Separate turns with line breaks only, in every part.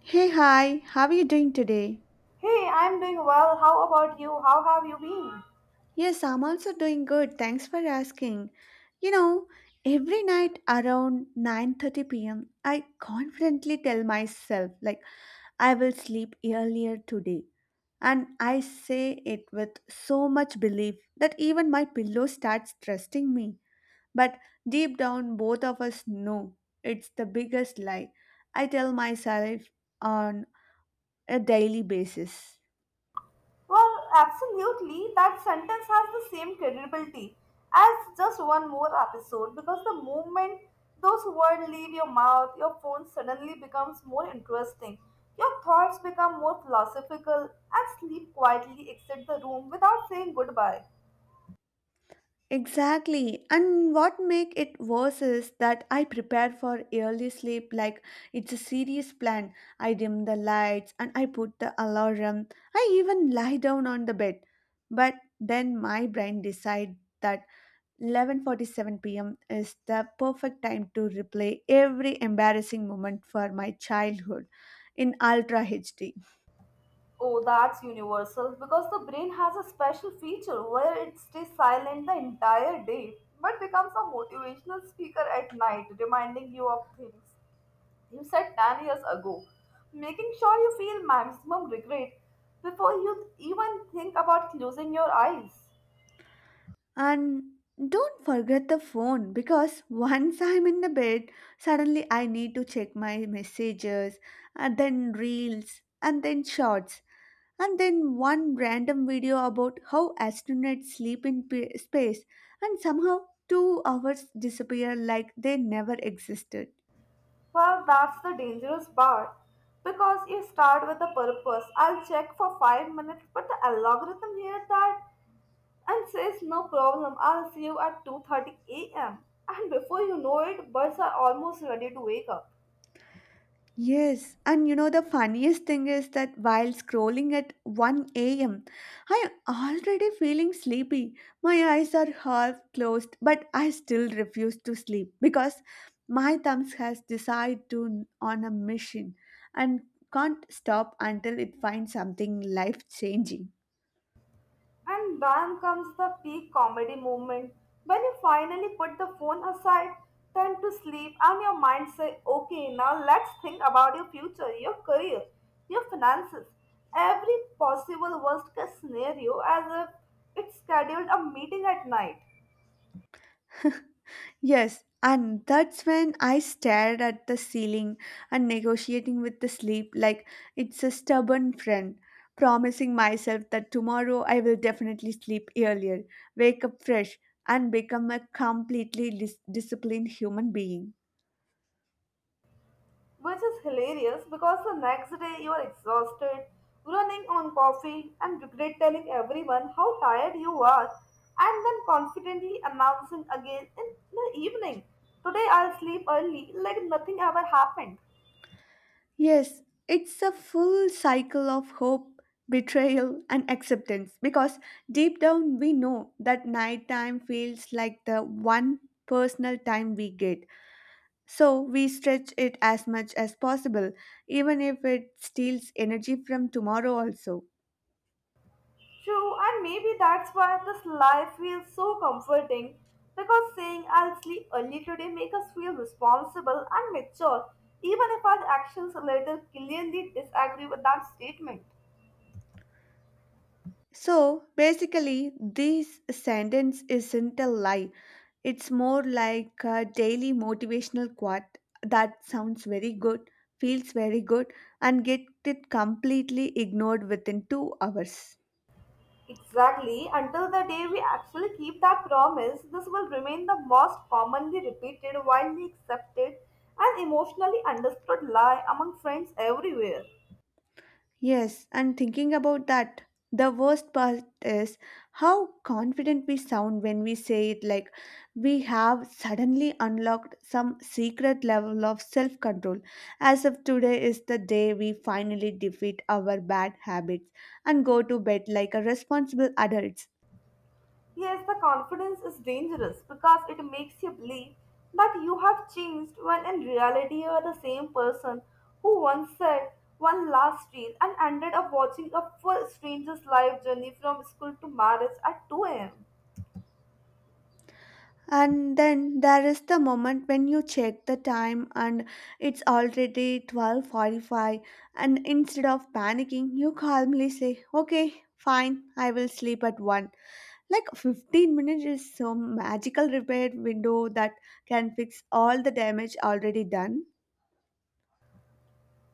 Hey, hi, how are you doing today?
Hey, I'm doing well. How about you? How have you been?
Yes, I'm also doing good. Thanks for asking. You know, every night around 9:30 p.m., I confidently tell myself like I will sleep earlier today. And I say it with so much belief that even my pillow starts trusting me. But deep down, both of us know it's the biggest lie I tell myself on a daily basis.
Well, absolutely. That sentence has the same credibility as just one more episode because the moment those words leave your mouth, your phone suddenly becomes more interesting. Your thoughts become more philosophical and sleep quietly exit the room without saying goodbye.
Exactly. And what make it worse is that I prepare for early sleep like it's a serious plan. I dim the lights and I put the alarm. I even lie down on the bed. But then my brain decides that 11:47 p.m. is the perfect time to replay every embarrassing moment for my childhood in ultra HD.
Oh, that's universal because the brain has a special feature where it stays silent the entire day but becomes a motivational speaker at night, reminding you of things you said 10 years ago, making sure you feel maximum regret before you even think about closing your eyes.
And don't forget the phone because once I'm in the bed, suddenly I need to check my messages and then reels and then shorts, and then one random video about how astronauts sleep in space, and somehow 2 hours disappear like they never existed.
Well, that's the dangerous part because you start with a purpose. I'll check for 5 minutes, but the algorithm here that and says, No problem, I'll see you at 2:30 a.m. And before you know it, birds are almost ready to wake up.
Yes, and you know the funniest thing is that while scrolling at 1 a.m., I am already feeling sleepy. My eyes are half closed, but I still refuse to sleep because my thumbs has decided to on a mission and can't stop until it finds something life changing.
And bam comes the peak comedy moment. When you finally put the phone aside, turn to sleep, and your mind says, Okay, now let's think about your future, your career, your finances, every possible worst case scenario as if it's scheduled a meeting at night.
Yes, and that's when I stared at the ceiling and negotiating with the sleep like it's a stubborn friend, promising myself that tomorrow I will definitely sleep earlier, wake up fresh, and become a completely disciplined human being.
Which is hilarious because the next day you are exhausted, running on coffee, and regret telling everyone how tired you are, and then confidently announcing again in the evening, Today I'll sleep early, like nothing ever happened.
Yes, it's a full cycle of hope, betrayal, and acceptance because deep down we know that nighttime feels like the one personal time we get. So we stretch it as much as possible, even if it steals energy from tomorrow also.
True, and maybe that's why this life feels so comforting because saying I'll sleep early today makes us feel responsible and mature, even if our actions later clearly disagree with that statement.
So basically, this sentence isn't a lie. It's more like a daily motivational quote that sounds very good, feels very good, and get it completely ignored within 2 hours.
Exactly, until the day we actually keep that promise, this will remain the most commonly repeated, widely accepted, and emotionally understood lie among friends everywhere.
Yes, and thinking about that, the worst part is how confident we sound when we say it, like we have suddenly unlocked some secret level of self control, as if today is the day we finally defeat our bad habits and go to bed like a responsible adult.
Yes, the confidence is dangerous because it makes you believe that you have changed when in reality you are the same person who once said one last reel and ended up watching a full stranger's life journey from school to marriage at 2 am.
And then there is the moment when you check the time and it's already 12:45, and instead of panicking you calmly say, "Okay, fine, I will sleep at 1." Like 15 minutes is some magical repair window that can fix all the damage already done.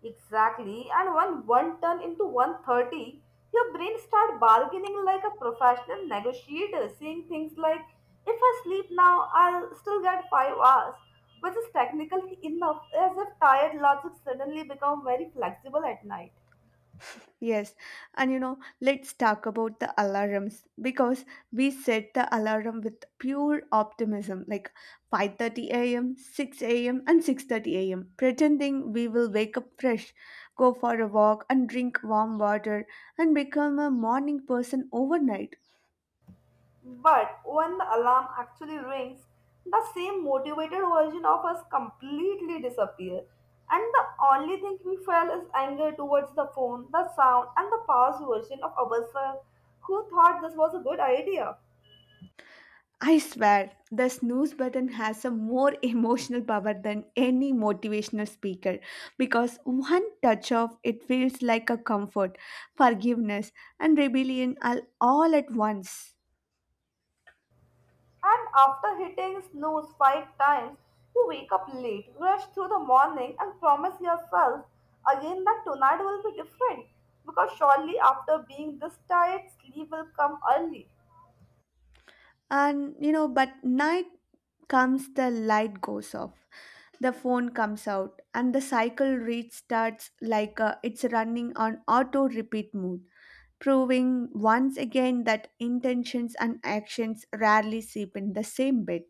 Exactly, and when one turn into 130, your brain start bargaining like a professional negotiator, saying things like, if I sleep now, I'll still get 5 hours, which is technically enough, as if tired logic suddenly become very flexible at night.
Yes, and you know, let's talk about the alarms because we set the alarm with pure optimism, like 5:30 a.m., 6 a.m., and 6:30 a.m., pretending we will wake up fresh, go for a walk, and drink warm water, and become a morning person overnight.
But when the alarm actually rings, the same motivated version of us completely disappears, and the only thing we feel is anger towards the phone, the sound, and the past version of ourselves who thought this was a good idea.
I swear, the snooze button has a more emotional power than any motivational speaker because one touch of it feels like a comfort, forgiveness, and rebellion all at once.
And after hitting snooze five times, you wake up late, rush through the morning, and promise yourself again that tonight will be different because surely after being this tired, sleep will come early.
And you know, but night comes, the light goes off, the phone comes out, and the cycle restarts like it's running on auto repeat mode, proving once again that intentions and actions rarely sleep in the same bed.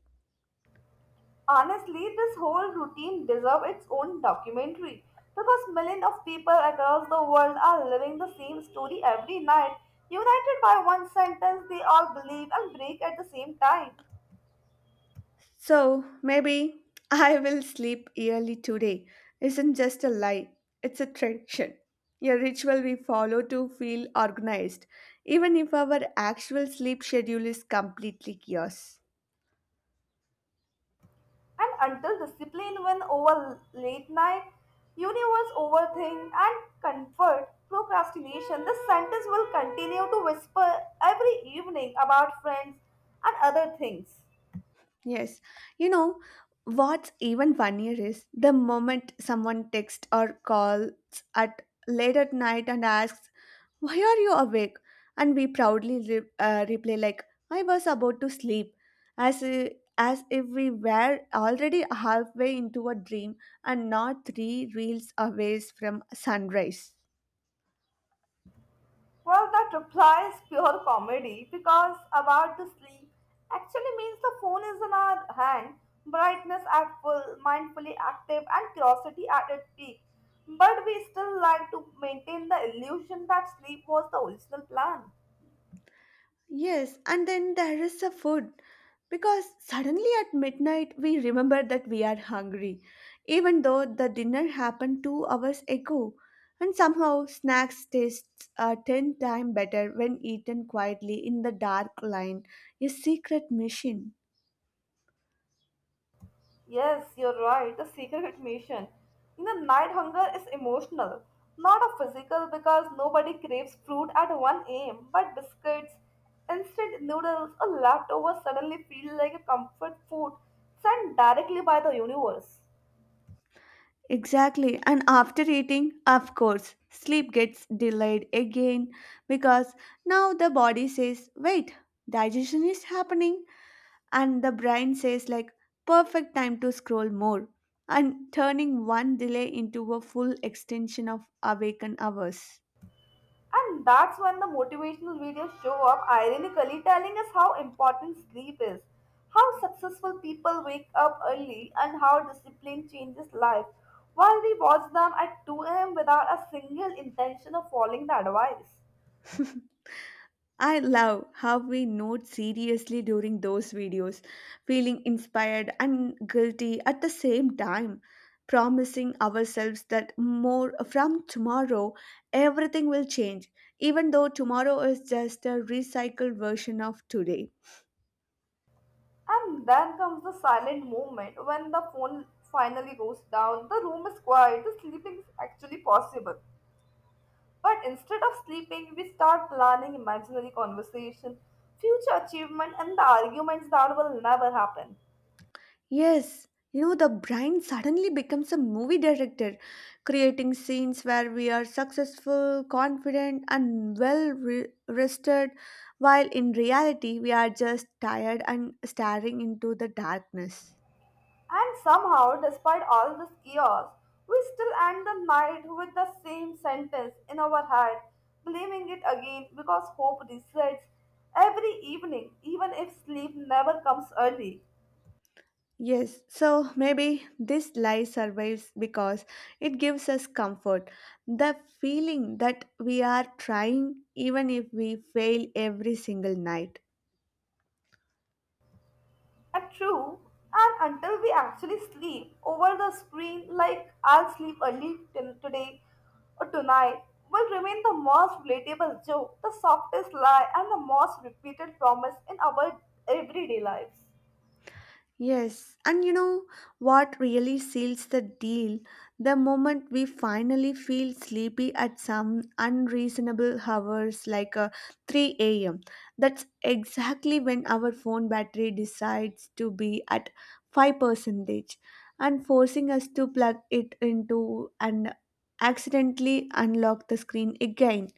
Honestly, this whole routine deserves its own documentary because millions of people across the world are living the same story every night. United by one sentence, they all believe and break at the same time.
So maybe I will sleep early today isn't just a lie, it's a tradition. A ritual we follow to feel organized, even if our actual sleep schedule is completely chaos.
And until discipline wins over late night, universe overthink and comfort procrastination, this sentence will continue to whisper every evening about friends and other things.
Yes, you know, what's even funnier is the moment someone texts or calls at late at night and asks, why are you awake? And we proudly replay, like, I was about to sleep, as, i- as if we were already halfway into a dream and not three reels away from sunrise.
Well, that reply is pure comedy because about the sleep actually means the phone is in our hand, brightness at full, mindfully active, and curiosity at its peak. But we still like to maintain the illusion that sleep was the original plan.
Yes, and then there is the food. Because suddenly at midnight, we remember that we are hungry, even though the dinner happened 2 hours ago. And somehow, snacks taste 10 times better when eaten quietly in the dark line, a secret mission.
Yes, you're right. The secret mission. You know, night hunger is emotional, not a physical because nobody craves fruit at 1 a.m. But biscuits, instant noodles, or leftovers suddenly feel like a comfort food sent directly by the universe.
Exactly, and after eating, of course, sleep gets delayed again because now the body says, wait, digestion is happening, and the brain says, like, perfect time to scroll more, and turning one delay into a full extension of awaken hours.
And that's when the motivational videos show up, ironically telling us how important sleep is, how successful people wake up early, and how discipline changes life, while we watch them at 2 a.m. without a single intention of following the advice.
I love how we note seriously during those videos, feeling inspired and guilty at the same time, promising ourselves that more from tomorrow everything will change, even though tomorrow is just a recycled version of today.
And then comes the silent moment when the phone finally goes down, the room is quiet, the sleeping is actually possible. But instead of sleeping, we start planning imaginary conversation, future achievement, and the arguments that will never happen.
Yes, you know, the brain suddenly becomes a movie director, creating scenes where we are successful, confident, and well rested, while in reality, we are just tired and staring into the darkness.
And somehow, despite all this chaos, we still end the night with the same sentence in our head, blaming it again because hope resets every evening, even if sleep never comes early.
Yes, so maybe this lie survives because it gives us comfort. The feeling that we are trying, even if we fail every single night.
And true, and until we actually sleep over the screen, like I'll sleep early today or tonight, will remain the most relatable joke, the softest lie, and the most repeated promise in our everyday lives.
Yes, and you know what really seals the deal? The moment we finally feel sleepy at some unreasonable hours like 3 a.m. That's exactly when our phone battery decides to be at 5% and forcing us to plug it into and accidentally unlock the screen again.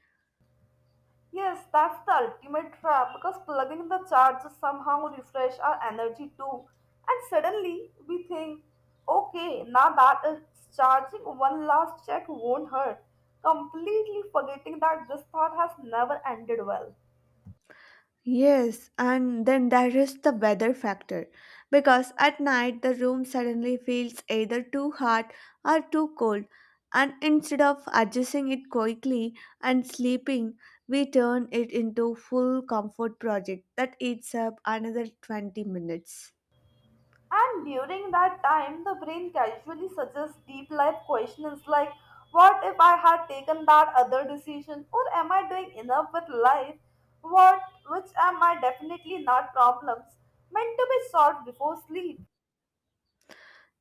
Yes, that's the ultimate trap because plugging the charger somehow refresh our energy too. And suddenly we think, okay, now that it's charging, one last check won't hurt. Completely forgetting that this thought has never ended well.
Yes, and then there is the weather factor because at night the room suddenly feels either too hot or too cold, and instead of adjusting it quickly and sleeping, we turn it into full comfort project that eats up another 20 minutes.
And during that time, the brain casually suggests deep life questions like, what if I had taken that other decision? Or am I doing enough with life? What, which am I definitely not problems meant to be solved before sleep?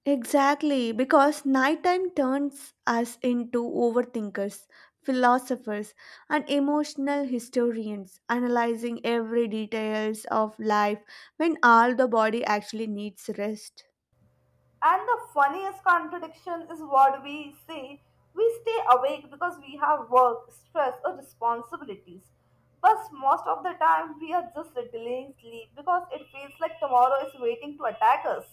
Exactly, because nighttime turns us into overthinkers, philosophers, and emotional historians, analyzing every details of life when all the body actually needs rest.
And the funniest contradiction is what we say we stay awake because we have work, stress, or responsibilities. But most of the time, we are just delaying sleep because it feels like tomorrow is waiting to attack us.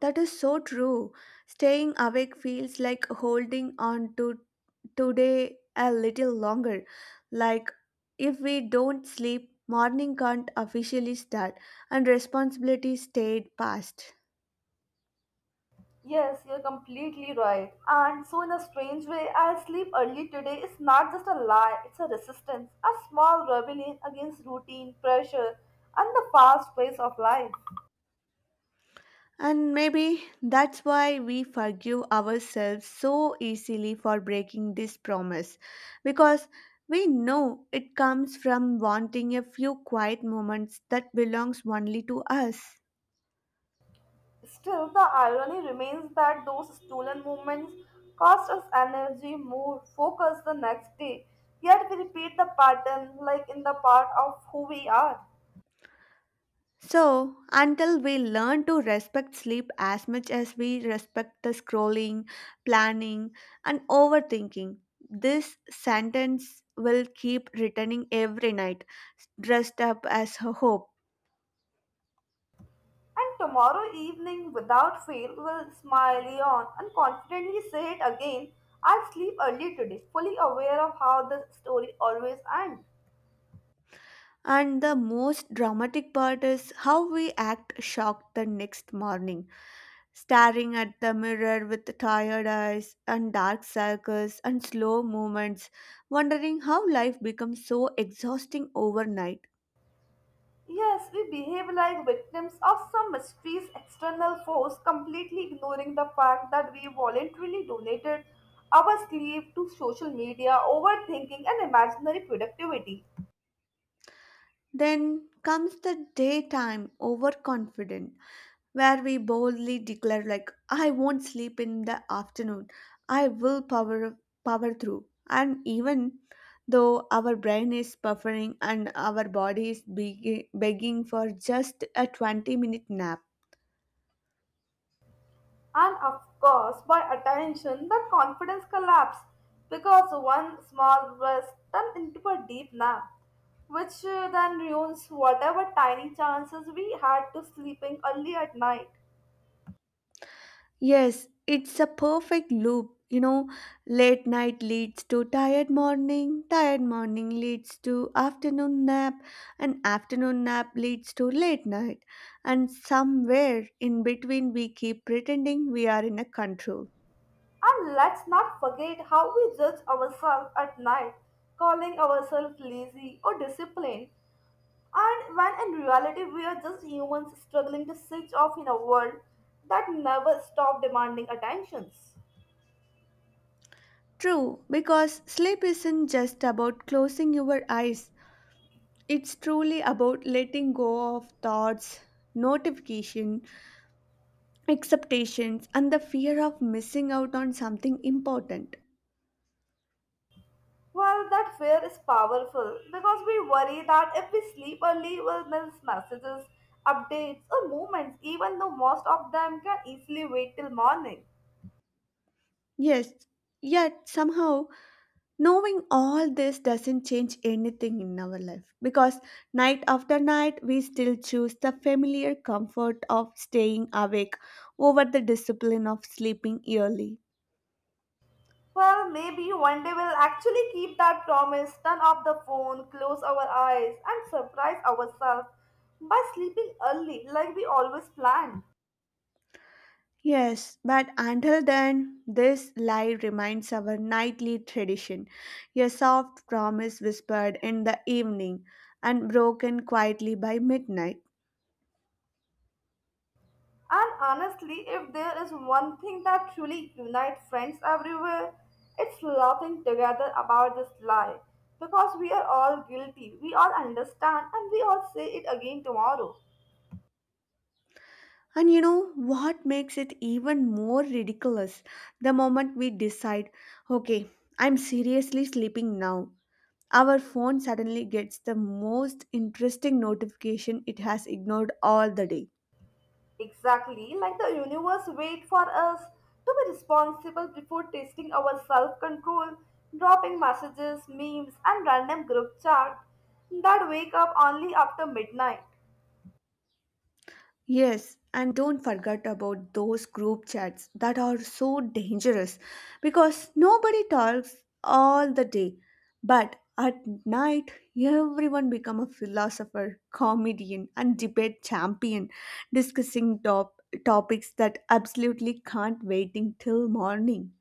That is so true. Staying awake feels like holding on to today a little longer. Like if we don't sleep, morning can't officially start and responsibilities stayed past.
Yes, you're completely right. And so, in a strange way, I'll sleep early today is not just a lie, it's a resistance, a small rebellion against routine, pressure, and the fast pace of life.
And maybe that's why we forgive ourselves so easily for breaking this promise, because we know it comes from wanting a few quiet moments that belongs only to us.
Still, the irony remains that those stolen moments cost us energy, mood, focus the next day, yet we repeat the pattern like in the part of who we are.
So, until we learn to respect sleep as much as we respect the scrolling, planning, and overthinking, this sentence will keep returning every night, dressed up as a hope.
And tomorrow evening, without fail, will smile, yawn, and confidently say it again. I'll sleep early today, fully aware of how the story always ends.
And the most dramatic part is how we act shocked the next morning, staring at the mirror with tired eyes and dark circles and slow movements, wondering how life becomes so exhausting overnight.
Yes, we behave like victims of some mysterious external force, completely ignoring the fact that we voluntarily donated our sleep to social media, overthinking, and imaginary productivity.
Then comes the daytime, overconfident, where we boldly declare, like, I won't sleep in the afternoon, I will power through, and even though our brain is buffering and our body is begging for just a 20-minute nap.
And of course by attention that confidence collapsed because one small risk turned into a deep nap, which then ruins whatever tiny chances we had to sleeping early at night.
Yes, it's a perfect loop. You know, late night leads to tired morning leads to afternoon nap, and afternoon nap leads to late night. And somewhere in between, we keep pretending we are in a control.
And let's not forget how we judge ourselves at night, calling ourselves lazy or disciplined, and when in reality we are just humans struggling to switch off in a world that never stops demanding attentions.
True, because sleep isn't just about closing your eyes, it's truly about letting go of thoughts, notification, expectations, and the fear of missing out on something important.
Well, that fear is powerful because we worry that if we sleep early, we'll miss messages, updates, or movements, even though most of them can easily wait till morning.
Yes, yet somehow knowing all this doesn't change anything in our life because night after night we still choose the familiar comfort of staying awake over the discipline of sleeping early.
Well, maybe one day we'll actually keep that promise, turn off the phone, close our eyes, and surprise ourselves by sleeping early like we always planned.
Yes, but until then, this lie remains our nightly tradition, a soft promise whispered in the evening and broken quietly by midnight.
And honestly, if there is one thing that truly unites friends everywhere, it's laughing together about this lie. Because we are all guilty, we all understand, and we all say it again tomorrow.
And you know what makes it even more ridiculous? The moment we decide, okay, I'm seriously sleeping now, our phone suddenly gets the most interesting notification it has ignored all the day.
Exactly, like the universe wait for us to be responsible before testing our self-control, dropping messages, memes, and random group chat that wake up only after midnight.
Yes, and don't forget about those group chats that are so dangerous because nobody talks all the day, but at night everyone become a philosopher, comedian and debate champion, discussing top topics that absolutely can't waiting till morning.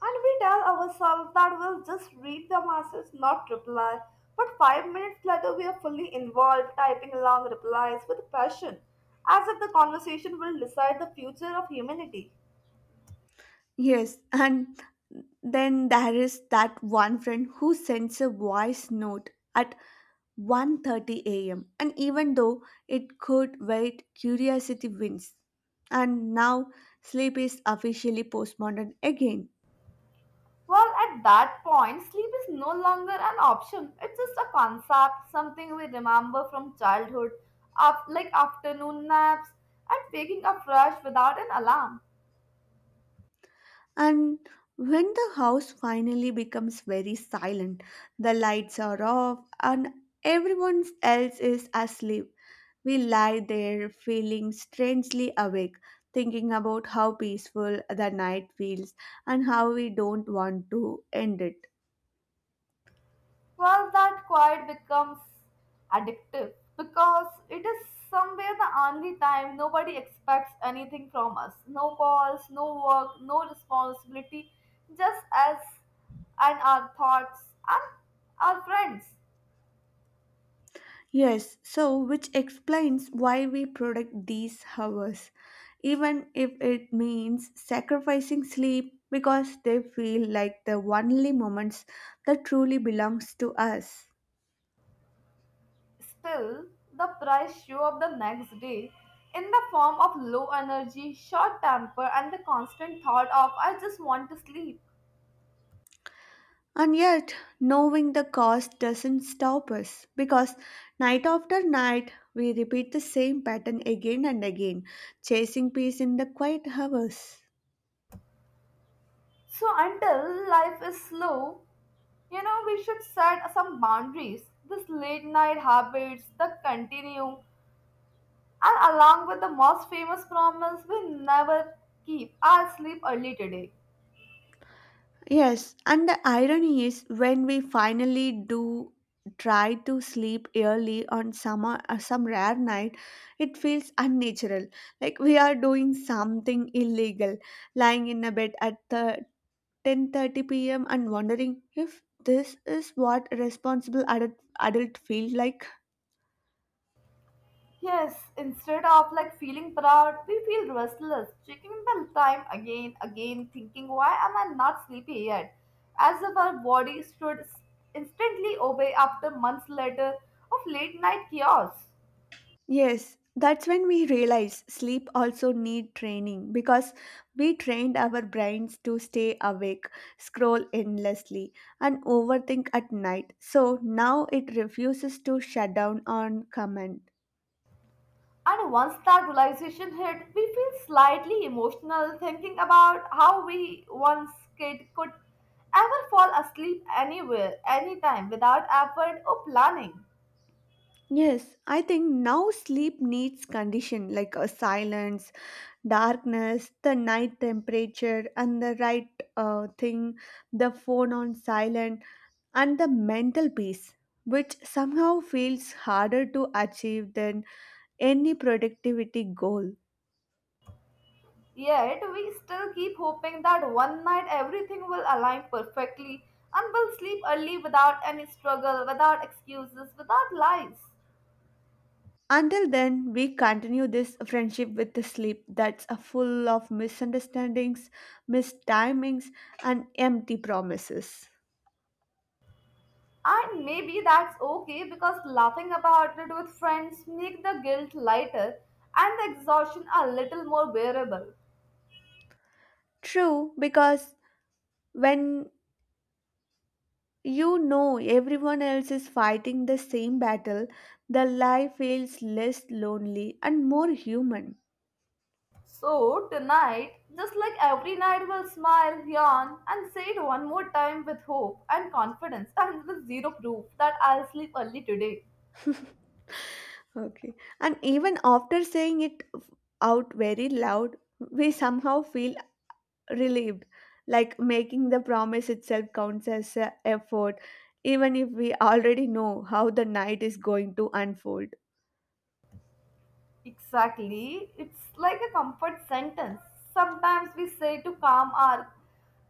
And we tell ourselves that we'll just read the message, not reply. But 5 minutes later, we are fully involved, typing long replies with passion, as if the conversation will decide the future of humanity.
Yes, and then there is that one friend who sends a voice note at 1:30 a.m. and even though it could wait, curiosity wins. And now sleep is officially postponed again.
Well, at that point, sleep is no longer an option. It's just a concept, something we remember from childhood, like afternoon naps and waking up fresh without an alarm.
And when the house finally becomes very silent, the lights are off and everyone else is asleep, we lie there feeling strangely awake, thinking about how peaceful the night feels and how we don't want to end it.
Well, that quiet becomes addictive because it is somewhere the only time nobody expects anything from us. No calls, no work, no responsibility, just us and our thoughts and our friends.
Yes, so which explains why we protect these hours, even if it means sacrificing sleep because they feel like the only moments that truly belongs to us.
Still, the price show up the next day in the form of low energy, short temper, and the constant thought of I just want to sleep.
And yet, knowing the cost doesn't stop us because night after night we repeat the same pattern again and again, chasing peace in the quiet hours.
So until life is slow, you know, we should set some boundaries. This late night habits that continue, and along with the most famous promise we never keep, I'll sleep early today.
Yes, and the irony is when we finally do try to sleep early on summer some rare night, it feels unnatural, like we are doing something illegal, lying in a bed at the 10:30 p.m. and wondering if this is what responsible adult feel like.
Yes, instead of like feeling proud, we feel restless, checking the time again, thinking why am I not sleepy yet? As if our body should instantly obey after months later of late night chaos.
Yes, that's when we realize sleep also need training because we trained our brains to stay awake, scroll endlessly and overthink at night. So now it refuses to shut down on command.
And once that realization hit, we feel slightly emotional thinking about how we once kid could ever fall asleep anywhere, anytime without effort or planning.
Yes, I think now sleep needs condition like a silence, darkness, the night temperature, and the right thing, the phone on silent, and the mental peace, which somehow feels harder to achieve than any productivity goal.
Yet we still keep hoping that one night everything will align perfectly and we'll sleep early without any struggle, without excuses, without lies.
Until then, we continue this friendship with the sleep that's a full of misunderstandings, mistimings, and empty promises.
And maybe that's okay because laughing about it with friends make the guilt lighter and the exhaustion a little more bearable.
True, because when you know everyone else is fighting the same battle, the life feels less lonely and more human.
So tonight, just like every night, we'll smile, yawn, and say it one more time with hope and confidence and with zero proof that I'll sleep early today.
Okay. And even after saying it out very loud, we somehow feel relieved, like making the promise itself counts as a effort, even if we already know how the night is going to unfold.
Exactly. It's like a comfort sentence. Sometimes we say to calm our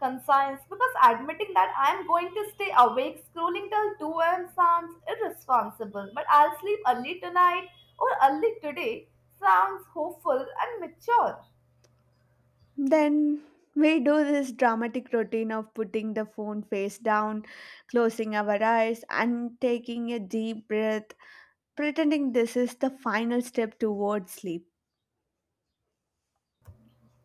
conscience because admitting that I'm going to stay awake scrolling till 2 a.m. sounds irresponsible, but I'll sleep early tonight or early today sounds hopeful and mature.
Then we do this dramatic routine of putting the phone face down, closing our eyes, and taking a deep breath, pretending this is the final step towards sleep.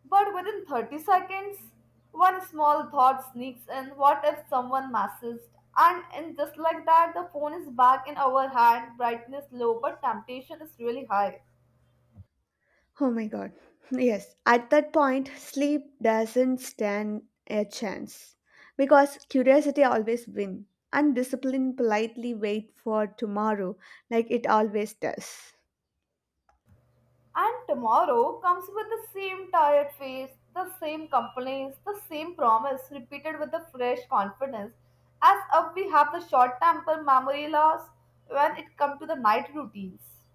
But within 30 seconds, one small thought sneaks in what if someone messaged? And just like that, the phone is back in our hand, brightness low, but temptation is really high.
Oh my god. Yes, at that point, sleep doesn't stand a chance because curiosity always wins and discipline politely wait for tomorrow like it always does.
And tomorrow comes with the same tired face, the same complaints, the same promise, repeated with the fresh confidence, as if we have the short temper memory loss when it comes to the night routines.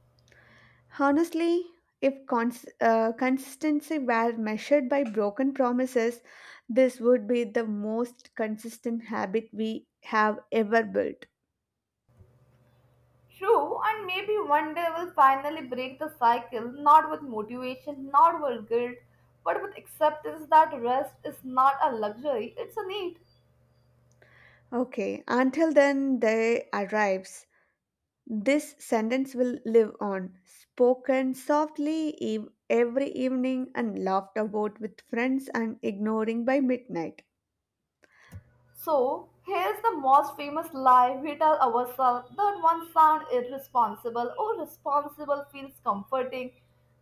Honestly, if consistency were measured by broken promises, this would be the most consistent habit we have ever built.
True, and maybe one day we'll finally break the cycle, not with motivation, not with guilt, but with acceptance that rest is not a luxury, it's a need.
Okay, until then they arrives. This sentence will live on, spoken softly every evening and laughed about with friends and ignoring by midnight.
So, here's the most famous lie we tell ourselves that one sound irresponsible or responsible feels comforting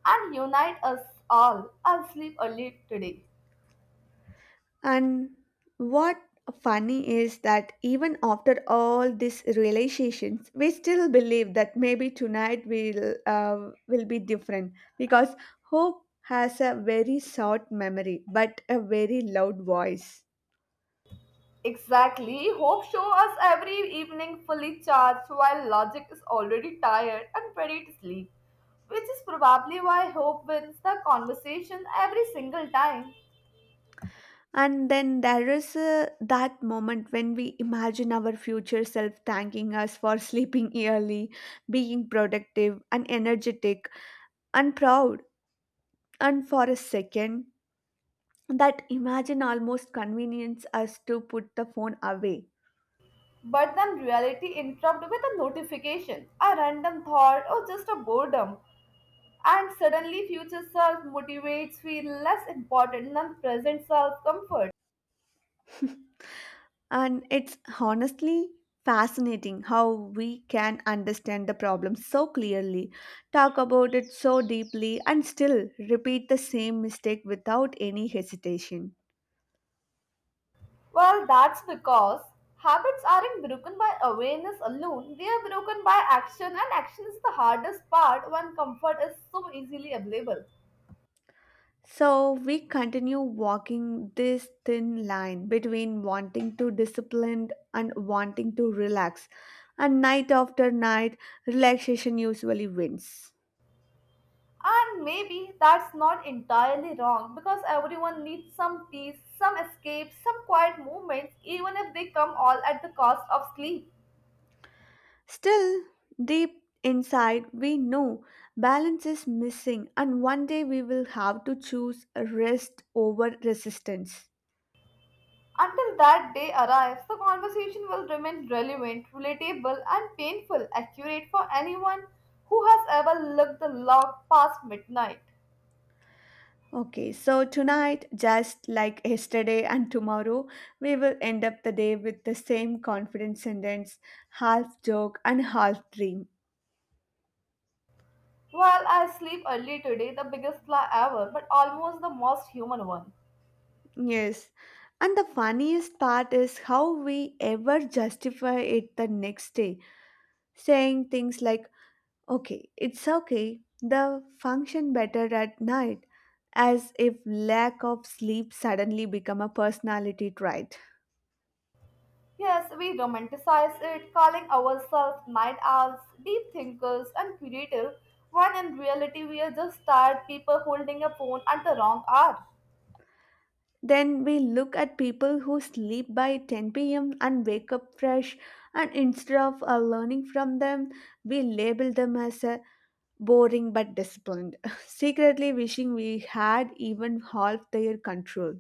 and unite us all. I'll sleep early today.
And what funny is that even after all these realizations, we still believe that maybe tonight will be different because hope has a very short memory but a very loud voice.
Exactly. Hope show us every evening fully charged while logic is already tired and ready to sleep, which is probably why hope wins the conversation every single time.
And then there is that moment when we imagine our future self thanking us for sleeping early, being productive and energetic and proud. And for a second, that imagine almost convenience us to put the phone away.
But then reality interrupts with a notification, a random thought, or just a boredom. And suddenly future self motivates feel less important than present self comfort.
And it's honestly fascinating how we can understand the problem so clearly, talk about it so deeply, and still repeat the same mistake without any hesitation.
Well, that's because habits aren't broken by awareness alone, they are broken by action, and action is the hardest part when comfort is so easily available.
So we continue walking this thin line between wanting to discipline and wanting to relax, and night after night relaxation usually wins.
And maybe that's not entirely wrong because everyone needs some peace, some escape, some quiet moments, even if they come all at the cost of sleep.
Still, deep inside, we know balance is missing, and one day we will have to choose rest over resistance.
Until that day arrives, the conversation will remain relevant, relatable, and painful, accurate for anyone who has ever looked the log past midnight.
Okay, so tonight, just like yesterday and tomorrow, we will end up the day with the same confident sentence, half joke and half dream.
Well, I sleep early today, the biggest lie ever, but almost the most human one.
Yes, and the funniest part is how we ever justify it the next day, saying things like, okay, it's okay. The function better at night, as if lack of sleep suddenly become a personality trait.
Yes, we romanticize it, calling ourselves night owls, deep thinkers, and creative, when in reality we are just tired people holding a phone at the wrong hour.
Then we look at people who sleep by 10 p.m. and wake up fresh, and instead of learning from them, we label them as boring but disciplined, secretly wishing we had even half their control.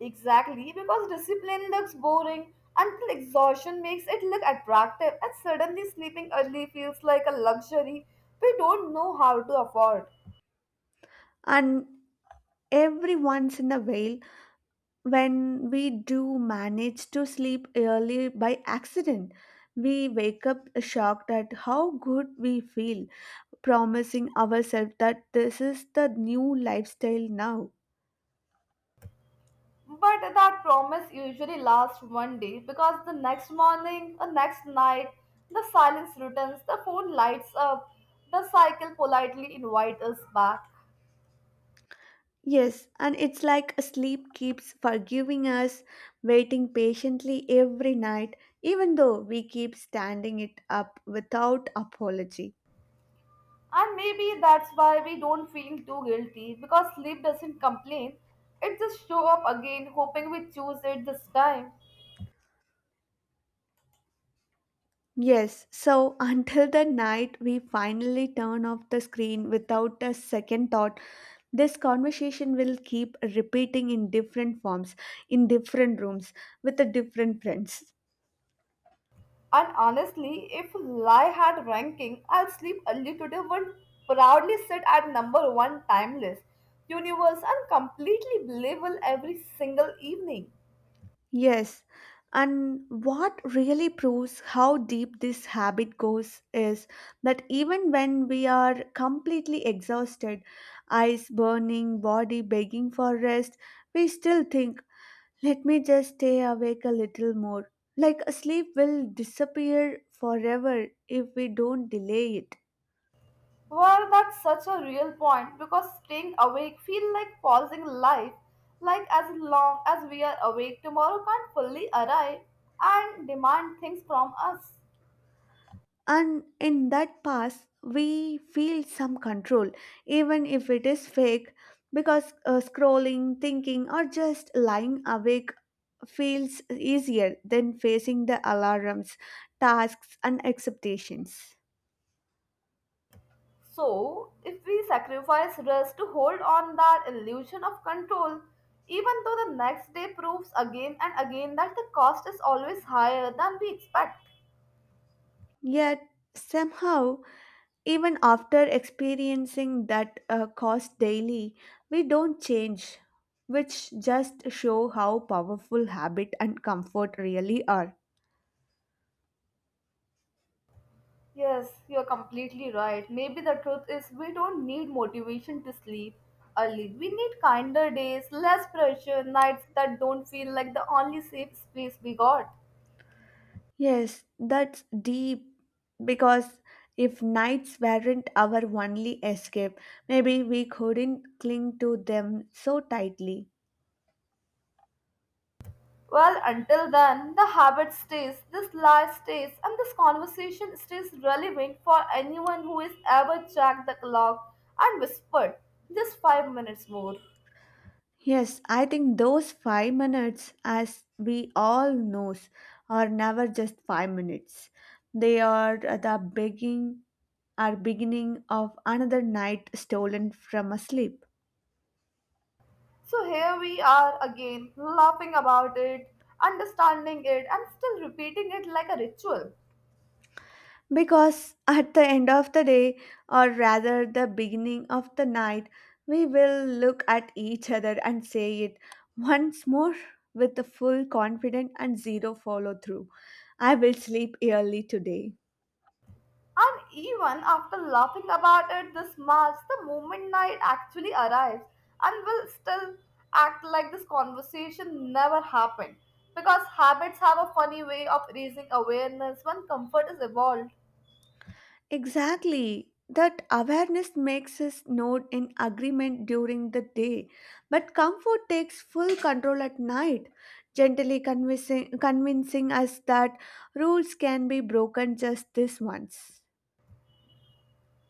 Exactly, because discipline looks boring until exhaustion makes it look attractive, and suddenly sleeping early feels like a luxury we don't know how to afford.
And every once in a while, when we do manage to sleep early by accident, we wake up shocked at how good we feel, promising ourselves that this is the new lifestyle now.
But that promise usually lasts one day because the next morning, the next night, the silence returns, the phone lights up, the cycle politely invites us back.
Yes, and it's like sleep keeps forgiving us, waiting patiently every night, even though we keep standing it up without apology.
And maybe that's why we don't feel too guilty because sleep doesn't complain. It just show up again, hoping we choose it this time.
Yes, so until the night we finally turn off the screen without a second thought, this conversation will keep repeating in different forms, in different rooms, with the different friends.
And honestly, if lie had ranking, I'll sleep early today would proudly sit at number one timeless, universe and completely believable every single evening.
Yes, and what really proves how deep this habit goes is that even when we are completely exhausted, eyes burning, body begging for rest, we still think, let me just stay awake a little more. Like sleep will disappear forever if we don't delay it.
Well, that's such a real point because staying awake feel like pausing life, like as long as we are awake tomorrow can't fully arrive and demand things from us.
And in that pass, we feel some control, even if it is fake, because scrolling, thinking, or just lying awake feels easier than facing the alarms, tasks, and expectations.
So, if we sacrifice rest to hold on that illusion of control, even though the next day proves again and again that the cost is always higher than we expect.
Yet, somehow, even after experiencing that cost daily, we don't change, which just show how powerful habit and comfort really are.
Yes, you're completely right. Maybe the truth is we don't need motivation to sleep early. We need kinder days, less pressure, nights that don't feel like the only safe space we got.
Yes, that's deep because if nights weren't our only escape, maybe we couldn't cling to them so tightly.
Well, until then, the habit stays, this lie stays, and this conversation stays relevant for anyone who has ever checked the clock and whispered, just 5 minutes more.
Yes, I think those 5 minutes, as we all knows, are never just 5 minutes. They are the beginning, are beginning of another night stolen from a sleep.
So here we are again, laughing about it, understanding it, and still repeating it like a ritual.
Because at the end of the day, or rather the beginning of the night, we will look at each other and say it once more with the full confidence and zero follow through. I will sleep early today.
And even after laughing about it this much, the moment night actually arrives and will still act like this conversation never happened. Because habits have a funny way of raising awareness when comfort is evolved.
Exactly. That awareness makes us nod in agreement during the day, but comfort takes full control at night, gently convincing us that rules can be broken just this once.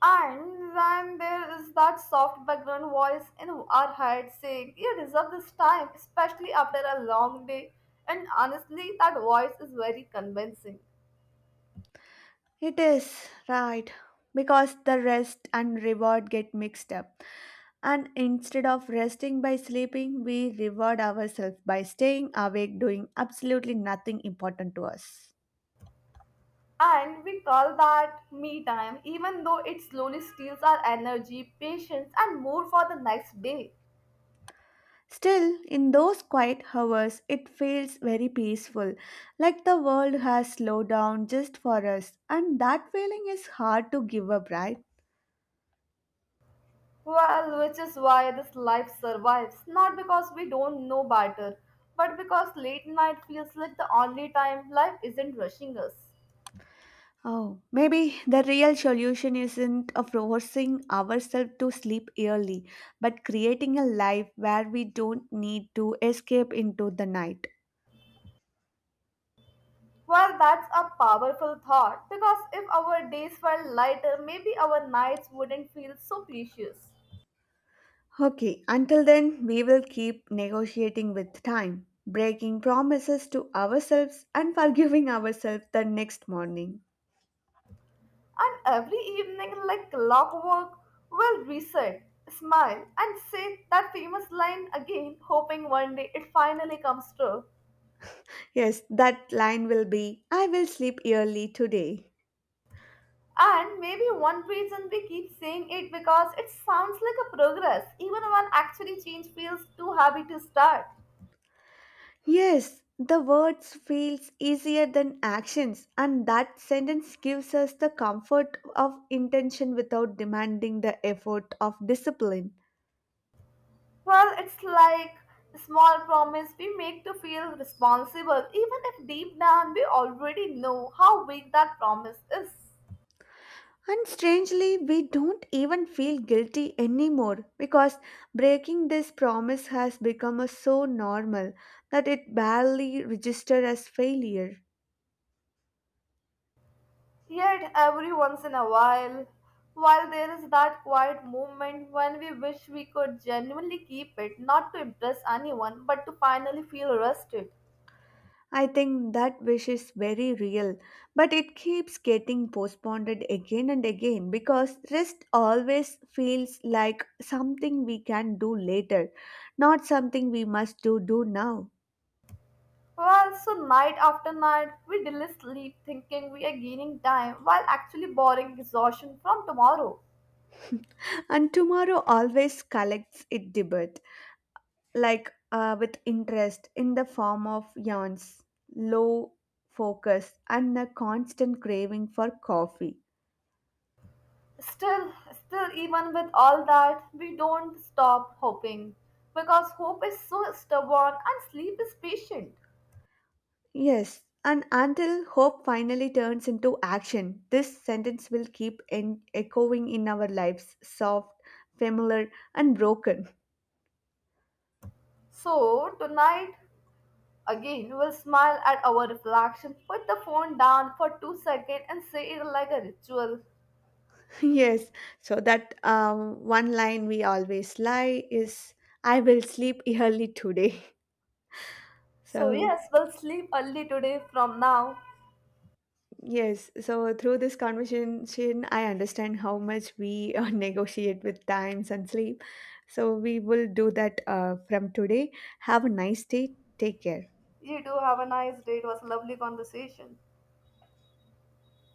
And then there is that soft background voice in our head saying, You deserve this time, especially after a long day. And honestly, that voice is very convincing.
It is right because the rest and reward get mixed up. And instead of resting by sleeping, we reward ourselves by staying awake doing absolutely nothing important to us.
And we call that me time, even though it slowly steals our energy, patience, and mood for the next day.
Still, in those quiet hours, it feels very peaceful, like the world has slowed down just for us, and that feeling is hard to give up, right?
Well, which is why this life survives, not because we don't know better, but because late night feels like the only time life isn't rushing us.
Oh, maybe the real solution isn't of forcing ourselves to sleep early, but creating a life where we don't need to escape into the night.
Well, that's a powerful thought, because if our days were lighter, maybe our nights wouldn't feel so precious.
Okay, until then, we will keep negotiating with time, breaking promises to ourselves and forgiving ourselves the next morning.
And every evening, like clockwork, we'll reset, smile, and say that famous line again, hoping one day it finally comes true.
Yes, that line will be, I will sleep early today.
And maybe one reason we keep saying it because it sounds like a progress, even when actually change feels too heavy to start.
Yes, the words feels easier than actions, and that sentence gives us the comfort of intention without demanding the effort of discipline.
Well, it's like a small promise we make to feel responsible, even if deep down we already know how weak that promise is.
And strangely, we don't even feel guilty anymore because breaking this promise has become a so normal that it barely registers as failure.
Yet, every once in a while there is that quiet moment when we wish we could genuinely keep it, not to impress anyone, but to finally feel rested.
I think that wish is very real, but it keeps getting postponed again and again because rest always feels like something we can do later, not something we must do now.
Well, so night after night, we delay sleep thinking we are gaining time while actually borrowing exhaustion from tomorrow.
And tomorrow always collects it debit, like with interest in the form of yawns, low focus, and a constant craving for coffee.
Still, even with all that, we don't stop hoping because hope is so stubborn and sleep is patient.
Yes, and until hope finally turns into action, this sentence will keep echoing in our lives, soft, familiar, and broken.
So, tonight again, we'll smile at our reflection, put the phone down for 2 seconds, and say it like a ritual.
Yes, so that one line we always lie is, I will sleep early today.
So,
So,
yes, we'll sleep early today from now.
yes, so through this conversation, I understand how much we negotiate with times and sleep. So, we will do that from today. Have a nice day. Take care.
You too, have a nice day. It was a lovely conversation.